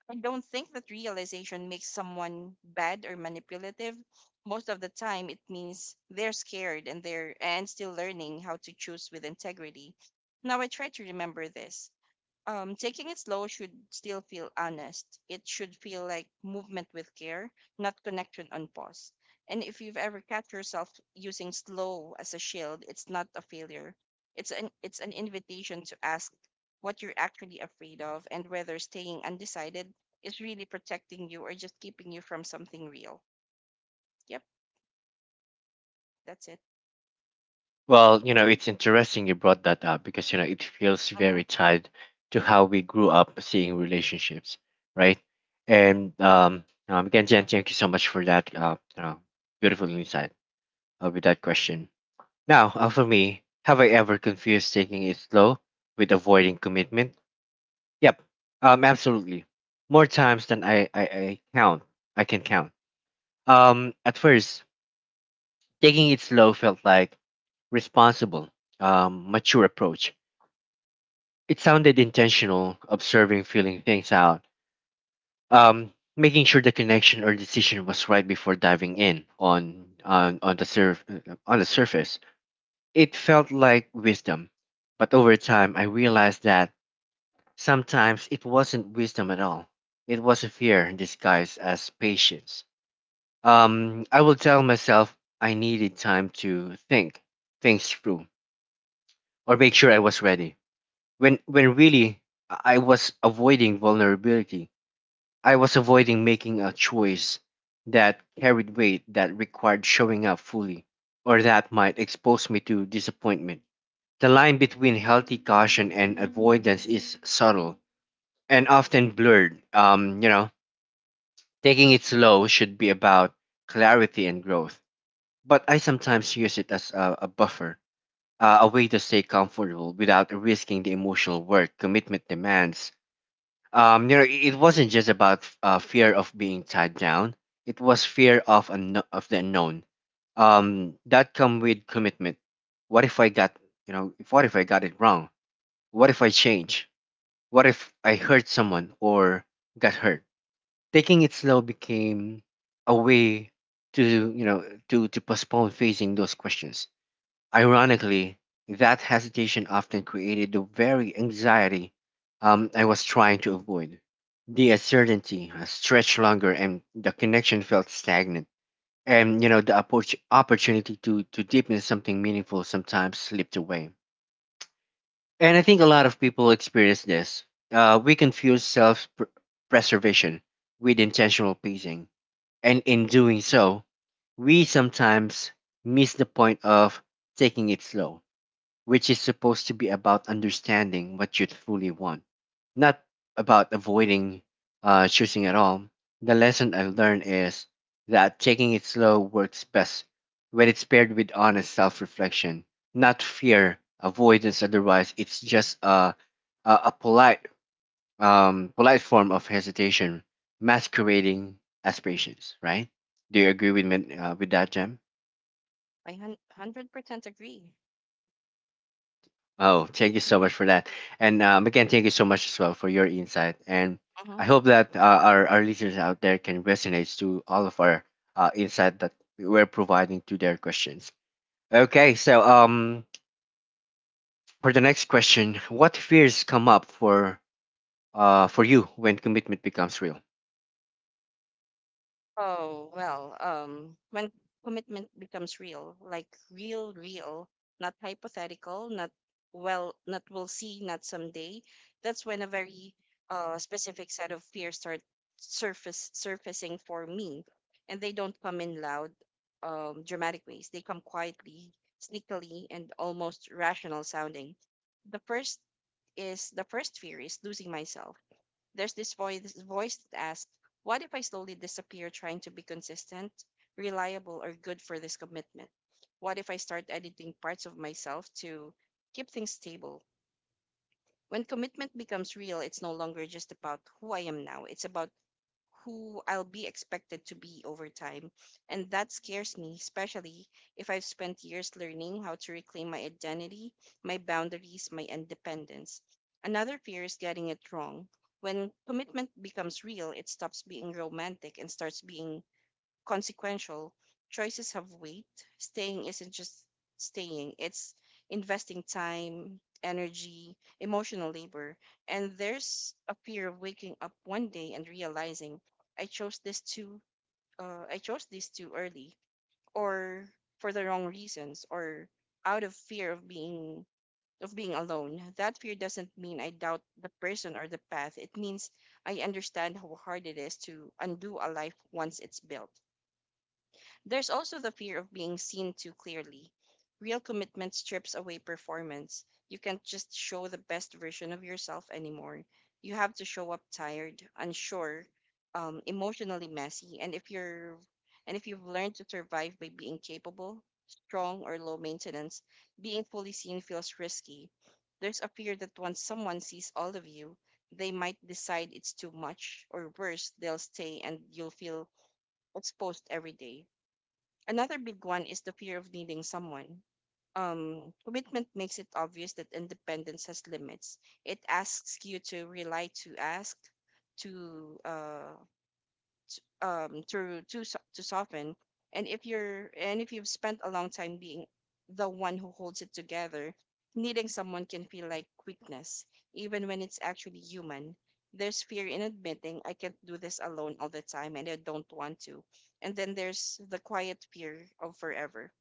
Speaker 2: I don't think that realization makes someone bad or manipulative. Most of the time, it means they're scared and they're and still learning how to choose with integrity. Now I try to remember this: taking it slow should still feel honest. It should feel like movement with care, not connection on pause. And if you've ever catch yourself using slow as a shield, it's not a failure. It's an invitation to ask what you're actually afraid of and whether staying undecided is really protecting you or just keeping you from something real. Yep, that's it.
Speaker 1: Well, you know,
Speaker 2: Arjan?
Speaker 1: it's interesting you brought that up because you know it feels very
Speaker 2: Mhm.
Speaker 1: tied to how we grew up seeing relationships, right? And again, Jen, thank you so much for that. You know, beautiful insight with that question. Now, for me, have I ever confused taking it slow with avoiding commitment? Yep. Absolutely. More times than I count. I can count. At first, taking it slow felt like responsible, mature approach. It sounded intentional, observing, feeling things out, making sure the connection or decision was right before diving in on the surf on the surface. It felt like wisdom, but over time, I realized that sometimes it wasn't wisdom at all. It was a fear disguised as patience. I will tell myself I needed time to think things through or make sure I was ready. When really I was avoiding vulnerability. I was avoiding making a choice that carried weight, that required showing up fully or that might expose me to disappointment. The line between healthy caution and avoidance is subtle and often blurred. Taking it slow should be about clarity and growth, but I sometimes use it as a buffer, a way to stay comfortable without risking the emotional work commitment demands. It wasn't just about fear of being tied down; it was fear of of the unknown. That come with commitment. What if I got what if I got it wrong? What if I change? What if I hurt someone or got hurt? Taking it slow became a way to, you know, to postpone facing those questions. Ironically, that hesitation often created the very anxiety I was trying to avoid. The uncertainty stretched longer and the connection felt stagnant. And the opportunity to deepen something meaningful sometimes slipped away. And I think a lot of people experience this. We confuse preservation with intentional pacing, and in doing so, we sometimes miss the point of taking it slow, which is supposed to be about understanding what you truly want, not about avoiding choosing at all. The lesson I learned is that taking it slow works best when it's paired with honest self reflection, not fear, avoidance. Otherwise, it's just a polite polite form of hesitation masquerading as patience, right? Do you agree with me with that, Jem?
Speaker 2: 100% agree.
Speaker 1: Oh, thank you so
Speaker 2: Yeah.
Speaker 1: much for that. And again, thank you so much as well for your insight. And
Speaker 2: Mhm.
Speaker 1: I hope that our listeners out there can resonate to all of our insight that we're providing to their questions. Okay, so for the next question, what fears come up for you when commitment becomes real?
Speaker 2: Oh, well, when commitment becomes real, like real, real, not hypothetical, not well, not we'll see, not someday, that's when a very specific set of fears start surface surfacing for me. And they don't come in loud, dramatic ways. They come quietly, sneakily, and almost rational sounding. The first the first fear is losing myself. There's this voice that asks, what if I slowly disappear trying to be consistent, reliable, or good for this commitment? What if I start editing parts of myself to keep things stable? When commitment becomes real, it's no longer just about who I am now, it's about who I'll be expected to be over time. And that scares me, especially if I've spent years learning how to reclaim my identity, my boundaries, my independence. Another fear is getting it wrong. When commitment becomes real, it stops being romantic and starts being consequential. Choices have weight. Staying isn't just staying, it's investing time, energy, emotional labor. And there's a fear of waking up one day and realizing I chose this too I chose this too early or for the wrong reasons or out of fear of being alone. That fear doesn't mean I doubt the person or the path. It means I understand how hard it is to undo a life once it's built. There's also the fear of being seen too clearly. Real commitment strips away performance. You can't just show the best version of yourself anymore. You have to show up tired, unsure, emotionally messy, and if you've learned to survive by being capable, strong, or low maintenance, being fully seen feels risky. There's a fear that once someone sees all of you, they might decide it's too much, or worse, they'll stay and you'll feel exposed every day. Another big one is the fear of needing someone. Commitment makes it obvious that independence has limits. It asks you to rely, to ask, to uh, to soften, and if you've spent a long time being the one who holds it together, needing someone can feel like weakness, even when it's actually human. There's fear in admitting I can't do this alone all the time and I don't want to. And then there's the quiet fear of forever,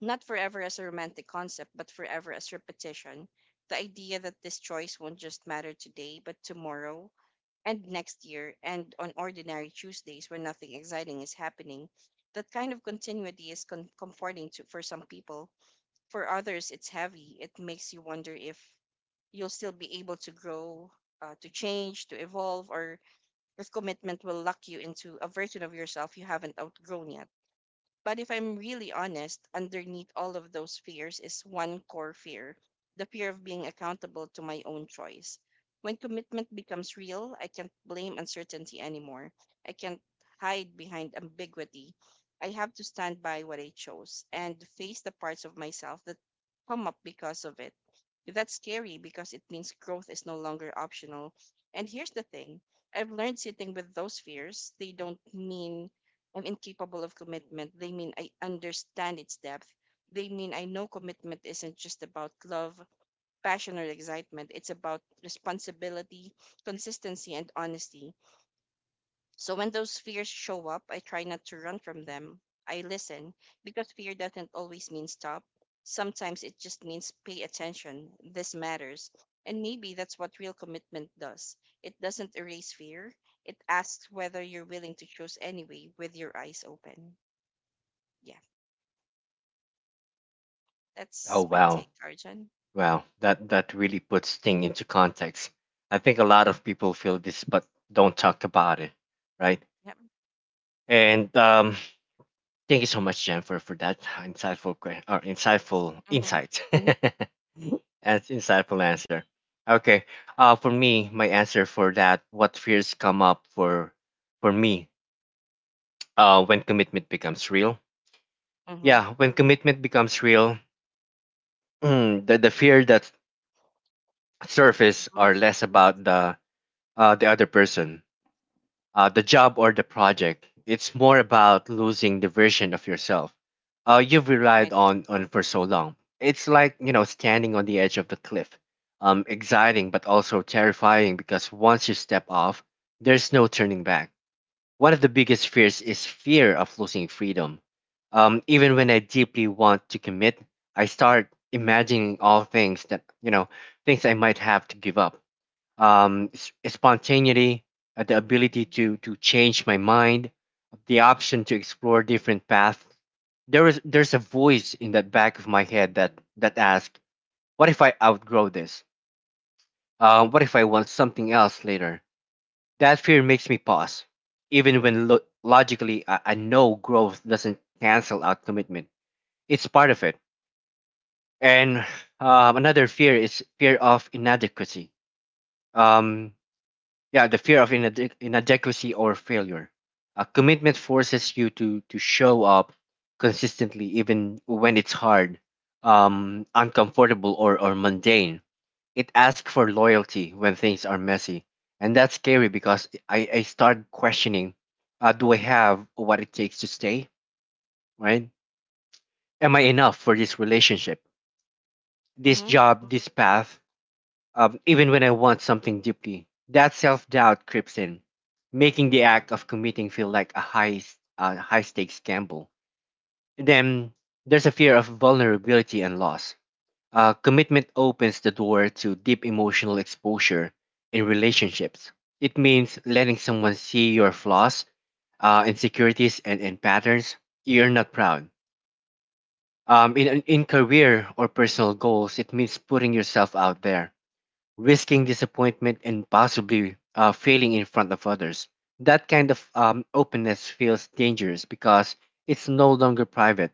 Speaker 2: not forever as a romantic concept but forever as repetition, the idea that this choice won't just matter today but tomorrow and next year and on ordinary Tuesdays when nothing exciting is happening. That kind of continuity is comforting to, for some people. For others, it's heavy. It makes you wonder if you'll still be able to grow, to change, to evolve, or if commitment will lock you into a version of yourself you haven't outgrown yet. But if I'm really honest, underneath all of those fears is one core fear: the fear of being accountable to my own choice. When commitment becomes real, I can't blame uncertainty anymore. I can't hide behind ambiguity. I have to stand by what I chose and face the parts of myself that come up because of it. That's scary because it means growth is no longer optional. And here's the thing, I've learned sitting with those fears, they don't mean I'm incapable of commitment. They mean I understand its depth. They mean I know commitment isn't just about love, passion, or excitement. It's about responsibility, consistency, and honesty. So when those fears show up, I try not to run from them. I listen, because fear doesn't always mean stop. Sometimes it just means pay attention. This matters. And maybe that's what real commitment does. It doesn't erase fear, it asks whether you're willing to choose anyway with your eyes open. Yeah,
Speaker 1: Oh,
Speaker 2: that's my
Speaker 1: wow.
Speaker 2: take, Arjun.
Speaker 1: Wow, that really puts things into context. I think a lot of people feel this, but don't talk about it, right?
Speaker 2: Yep.
Speaker 1: And thank you so much, Jennifer, for that insightful que- or insightful
Speaker 2: Mhm.
Speaker 1: insight. <laughs> That's insightful answer. Okay, for me, my answer for that, what fears come up for me, when commitment becomes real.
Speaker 2: Mhm.
Speaker 1: Yeah, when commitment becomes real, the fear that surface
Speaker 2: Mhm.
Speaker 1: are less about the other person, the job or the project. It's more about losing the version of yourself you've relied
Speaker 2: Right.
Speaker 1: on for so long. It's like, you know, standing on the edge of the cliff. Exciting but also terrifying because once you step off, there's no turning back. One of the biggest fears is fear of losing freedom. Even when I deeply want to commit, I start imagining all things that you know things I might have to give up, spontaneity, the ability to change my mind, the option to explore different paths. There's a voice in the back of my head that asks, "What if I outgrow this? What if I want something else later?" That fear makes me pause, even when logically I know growth doesn't cancel out commitment. It's part of it. And another fear is fear of inadequacy. Um, yeah, the fear of inadequacy or failure. A commitment forces you to show up consistently even when it's hard, uncomfortable or mundane. It asks for loyalty when things are messy, and that's scary because I start questioning, do I have what it takes to stay, right? Am I enough for this relationship, this
Speaker 2: Mhm.
Speaker 1: job, this path? Even when I want something deeply. That self doubt creeps in, making the act of committing feel like a high, high stakes gamble. Then there's a fear of vulnerability and loss. Commitment opens the door to deep emotional exposure in relationships. It means letting someone see your flaws, insecurities, and patterns you're not proud. In career or personal goals, it means putting yourself out there, risking disappointment and possibly failing in front of others. That kind of openness feels dangerous because it's no longer private.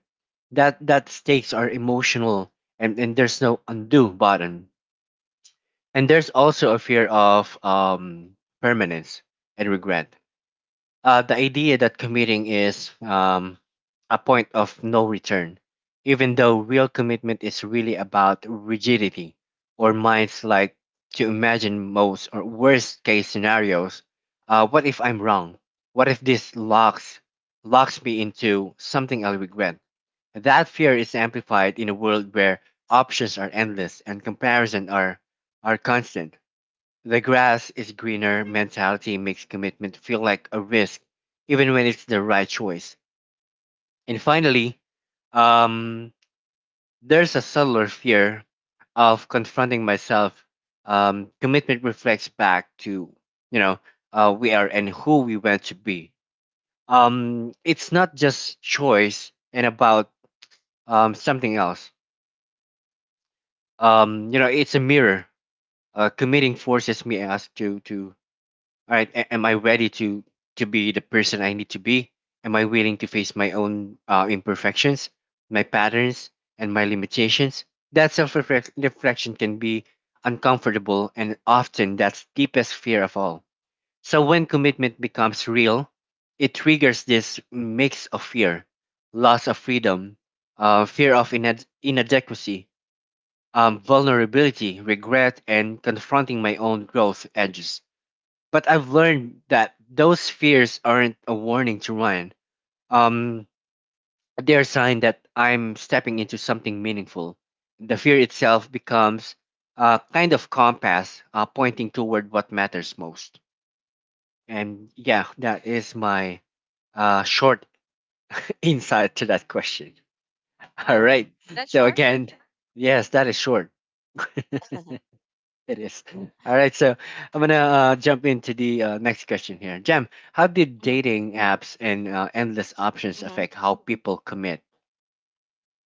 Speaker 1: That stakes are emotional, and there's no undo button. And there's also a fear of permanence and regret, the idea that committing is a point of no return, even though real commitment is really about rigidity or minds like to imagine most or worst case scenarios. What if I'm wrong? What if this locks me into something I'll regret? That fear is amplified in a world where options are endless and comparison are constant. The grass is greener mentality makes commitment feel like a risk, even when it's the right choice. And finally, um, there's a subtler fear of confronting myself. Commitment reflects back to, you know, we are and who we want to be. It's not just choice and about something else. It's a mirror. Committing forces me ask to all right, am I ready to be the person I need to be? Am I willing to face my own imperfections, my patterns, and my limitations? That self reflection can be uncomfortable, and often that's deepest fear of all. So when commitment becomes real, it triggers this mix of fear, loss of freedom, fear of inadequacy, vulnerability, regret, and confronting my own growth edges. But I've learned that those fears aren't a warning to run. Um, they're a sign that I'm stepping into something meaningful. The fear itself becomes a kind of compass, pointing toward what matters most. And yeah, that is my short <laughs> insight to that question. <laughs> All
Speaker 2: Oh,
Speaker 1: right.
Speaker 2: is that
Speaker 1: So,
Speaker 2: short?
Speaker 1: again, yes, that is short. <laughs>
Speaker 2: <laughs>
Speaker 1: It is. Mm. All right. So I'm going to jump into the next question here. Jam, how did
Speaker 2: Mhm.
Speaker 1: dating apps and endless options
Speaker 2: Mhm.
Speaker 1: affect how people commit?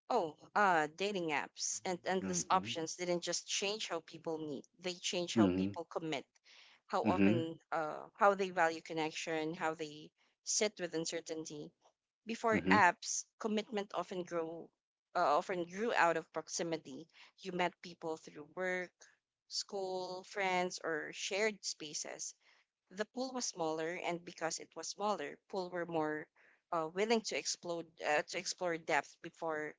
Speaker 2: Oh, dating apps and endless
Speaker 1: Mm-hmm.
Speaker 2: options didn't just change how people meet. They changed how
Speaker 1: Mm-hmm.
Speaker 2: people commit, how
Speaker 1: Mm-hmm.
Speaker 2: often, how they value connection, how they sit with uncertainty. Before
Speaker 1: Mm-hmm.
Speaker 2: apps, commitment often grow often grew out of proximity. You met people through work, school, friends, or shared spaces. The pool was smaller, and because it was smaller, pool were more willing to explore depth before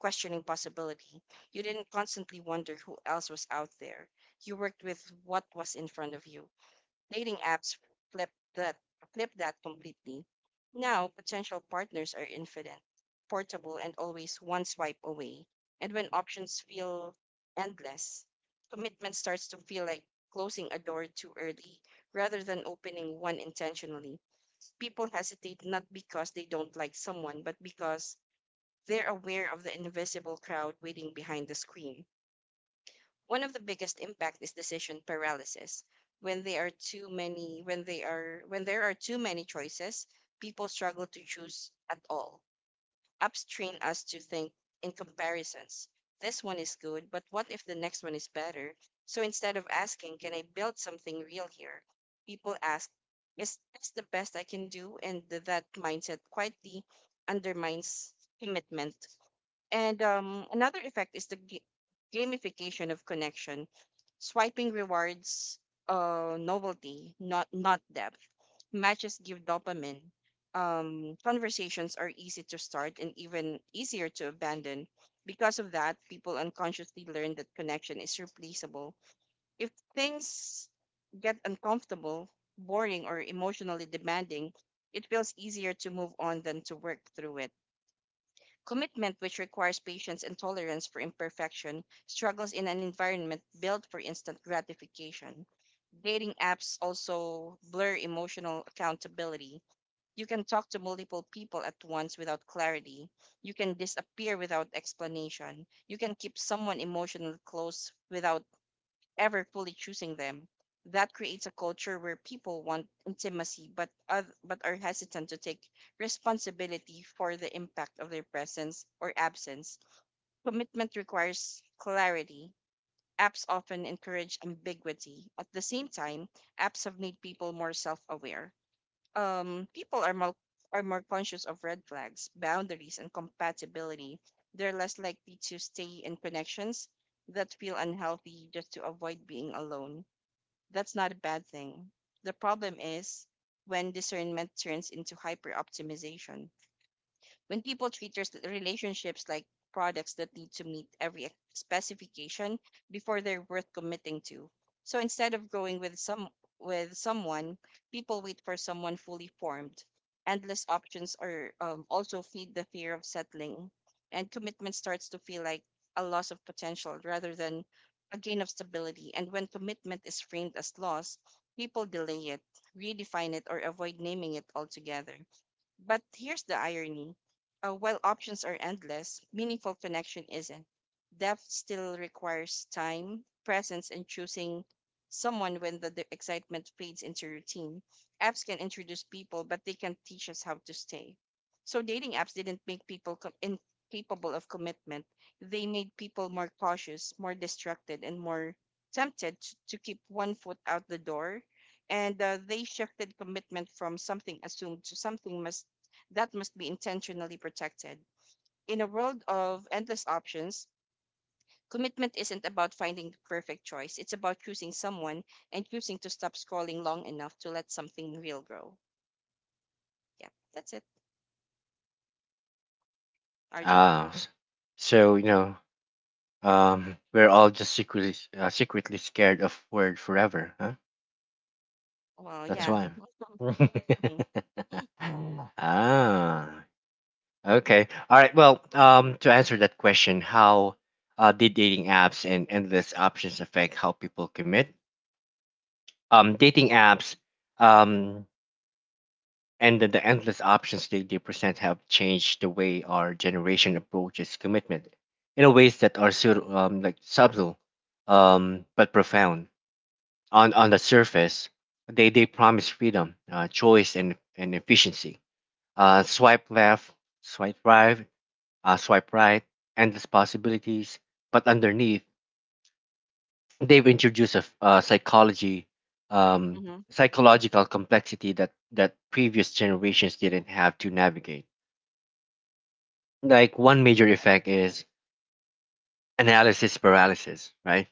Speaker 2: questioning possibility. You didn't constantly wonder who else was out there. You worked with what was in front of you. Dating apps flip that flip that completely. Now potential partners are infinite, portable, and always one swipe away. And when options feel endless, commitment starts to feel like closing a door too early rather than opening one intentionally. People hesitate not because they don't like someone, but because they're aware of the invisible crowd waiting behind the screen. One of the biggest impact is decision paralysis. When there are too many choices, people struggle to choose at all. Apps train us to think in comparisons. This one is good, but what if the next one is better? So instead of asking, can I build something real here? People ask, is this the best I can do? And that mindset quietly undermines commitment. And Another effect is the gamification of connection, swiping rewards novelty, not depth. Matches give dopamine. Conversations are easy to start and even easier to abandon. Because of that, people unconsciously learn that connection is replaceable. If things get uncomfortable, boring, or emotionally demanding, it feels easier to move on than to work through it. Commitment, which requires patience and tolerance for imperfection, struggles in an environment built for instant gratification. Dating apps also blur emotional accountability. You can talk to multiple people at once without clarity. You can disappear without explanation. You can keep someone emotionally close without ever fully choosing them. That creates a culture where people want intimacy but are hesitant to take responsibility for the impact of their presence or absence. Commitment requires clarity. Apps often encourage ambiguity. At the same time, apps have made people more self-aware. People are more conscious of red flags, boundaries, and compatibility. They're less likely to stay in connections that feel unhealthy just to avoid being alone. That's not a bad thing. The problem is when discernment turns into hyper optimization, when people treat their relationships like products that need to meet every specification before they're worth committing to. So instead of growing with some with someone, people wait for someone fully formed. Endless options are also feed the fear of settling, and commitment starts to feel like a loss of potential rather than a gain of stability. And when commitment is framed as loss, people delay it, redefine it, or avoid naming it altogether. But here's the irony. While options are endless, meaningful connection isn't. Depth still requires time, presence, and choosing someone when the excitement fades into routine. Apps can introduce people, but they can't teach us how to stay. So dating apps didn't make people incapable of commitment. They made people more cautious, more distracted, and more tempted to keep one foot out the door, and they shifted commitment from something assumed to something must that must be intentionally protected. In a world of endless options, commitment isn't about finding the perfect choice, it's about choosing someone and choosing to stop scrolling long enough to let something real grow. Yeah, that's it. Arjun?
Speaker 1: Ah, s- so, you know, we're all just secretly scared of word forever, huh?
Speaker 2: Well,
Speaker 1: That's
Speaker 2: yeah.
Speaker 1: why.
Speaker 2: Hmm.
Speaker 1: <laughs> <laughs> ah, Okay. All right. Well, to answer that question, how did dating apps and endless options affect how people commit? Dating apps um, and the endless options they present have changed the way our generation approaches commitment in a ways that are subtle but profound. On the surface, they promise freedom, choice, and efficiency. Swipe left, swipe right, swipe right, endless possibilities. But underneath, they've introduced a psychology, um,
Speaker 2: Hmm.
Speaker 1: psychological complexity that previous generations didn't have to navigate. Like one major effect is analysis paralysis, right?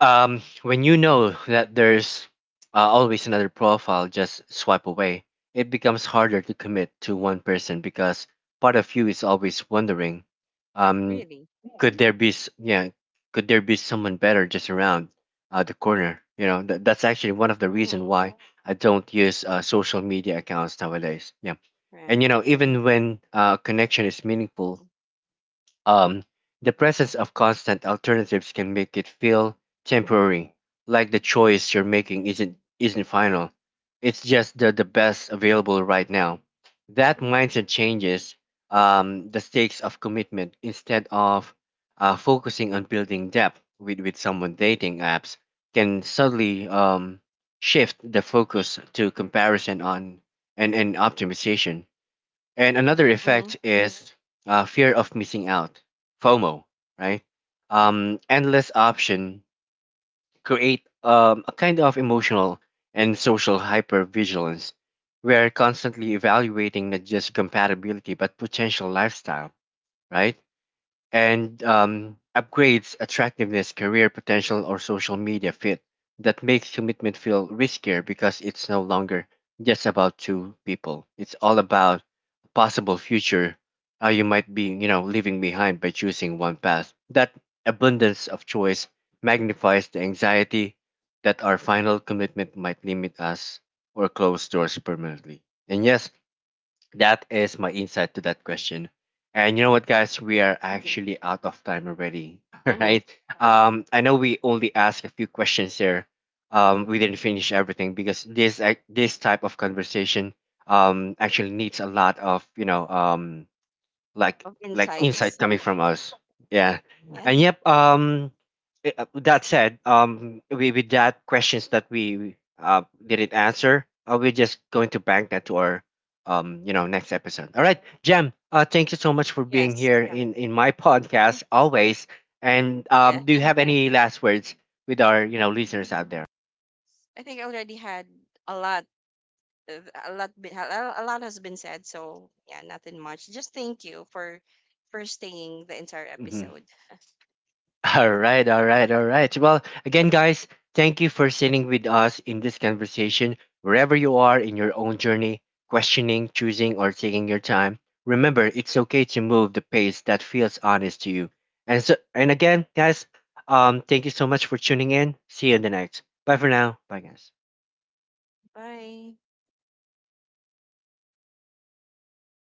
Speaker 1: When you know that there's always another profile just swipe away, it becomes harder to commit to one person because part of you is always wondering, um,
Speaker 2: Really?
Speaker 1: could there be s- yeah, could there be someone better just around the corner? You know, that's actually one of the reason
Speaker 2: Mm,
Speaker 1: why I don't use social media accounts nowadays. Yeah,
Speaker 2: yeah.
Speaker 1: and you know, even when connection is meaningful,
Speaker 2: Mm-hmm.
Speaker 1: um, the presence of constant alternatives can make it feel temporary, like the choice you're making isn't final. It's just the best available right now. That mindset changes the stakes of commitment instead of focusing on building depth with someone. Dating apps can suddenly shift the focus to comparison on and optimization. And another
Speaker 2: Mm-hmm.
Speaker 1: effect is fear of missing out, FOMO, right? Endless option create a kind of emotional and social hypervigilance. We are constantly evaluating not just compatibility but potential lifestyle, right? And upgrades, attractiveness, career potential, or social media fit. That makes commitment feel riskier because it's no longer just about two people. It's all about a possible future you might be, you know, leaving behind by choosing one path. That abundance of choice magnifies the anxiety that our final commitment might limit us or close doors permanently. And yes, that is my insight to that question. And you know what, guys? We
Speaker 2: Yep.
Speaker 1: are
Speaker 2: Mm-hmm.
Speaker 1: actually out of time already. <laughs> All
Speaker 2: Mm-hmm.
Speaker 1: right. I know we only asked a few questions here. We didn't finish everything because this this type of conversation actually needs a lot of, you know, like
Speaker 2: Of
Speaker 1: like insight
Speaker 2: insights.
Speaker 1: coming from us. Yeah.
Speaker 2: <laughs> Yeah.
Speaker 1: And yep, that said, with that questions that we didn't answer, we're just going to bank that to our, next episode. All right, Jem, thank you so much for being
Speaker 2: Yes.
Speaker 1: here in my podcast always. And
Speaker 2: Yeah.
Speaker 1: do you have any last words with our, you know, listeners out there?
Speaker 2: <laughs> I think I already had a lot uh, a lot has been said, so yeah, nothing much, just thank you for staying the entire
Speaker 1: Mhm.
Speaker 2: episode.
Speaker 1: All right, all right, all right. Well, again, guys, thank you for sitting with us in this conversation, wherever you are in your own journey, questioning, choosing, or taking your time. Remember, it's okay to move the pace that feels honest to you. And so, and again, guys, thank you so much for tuning in. See you in the next. Bye for now. Bye, guys.
Speaker 2: <laughs> Bye.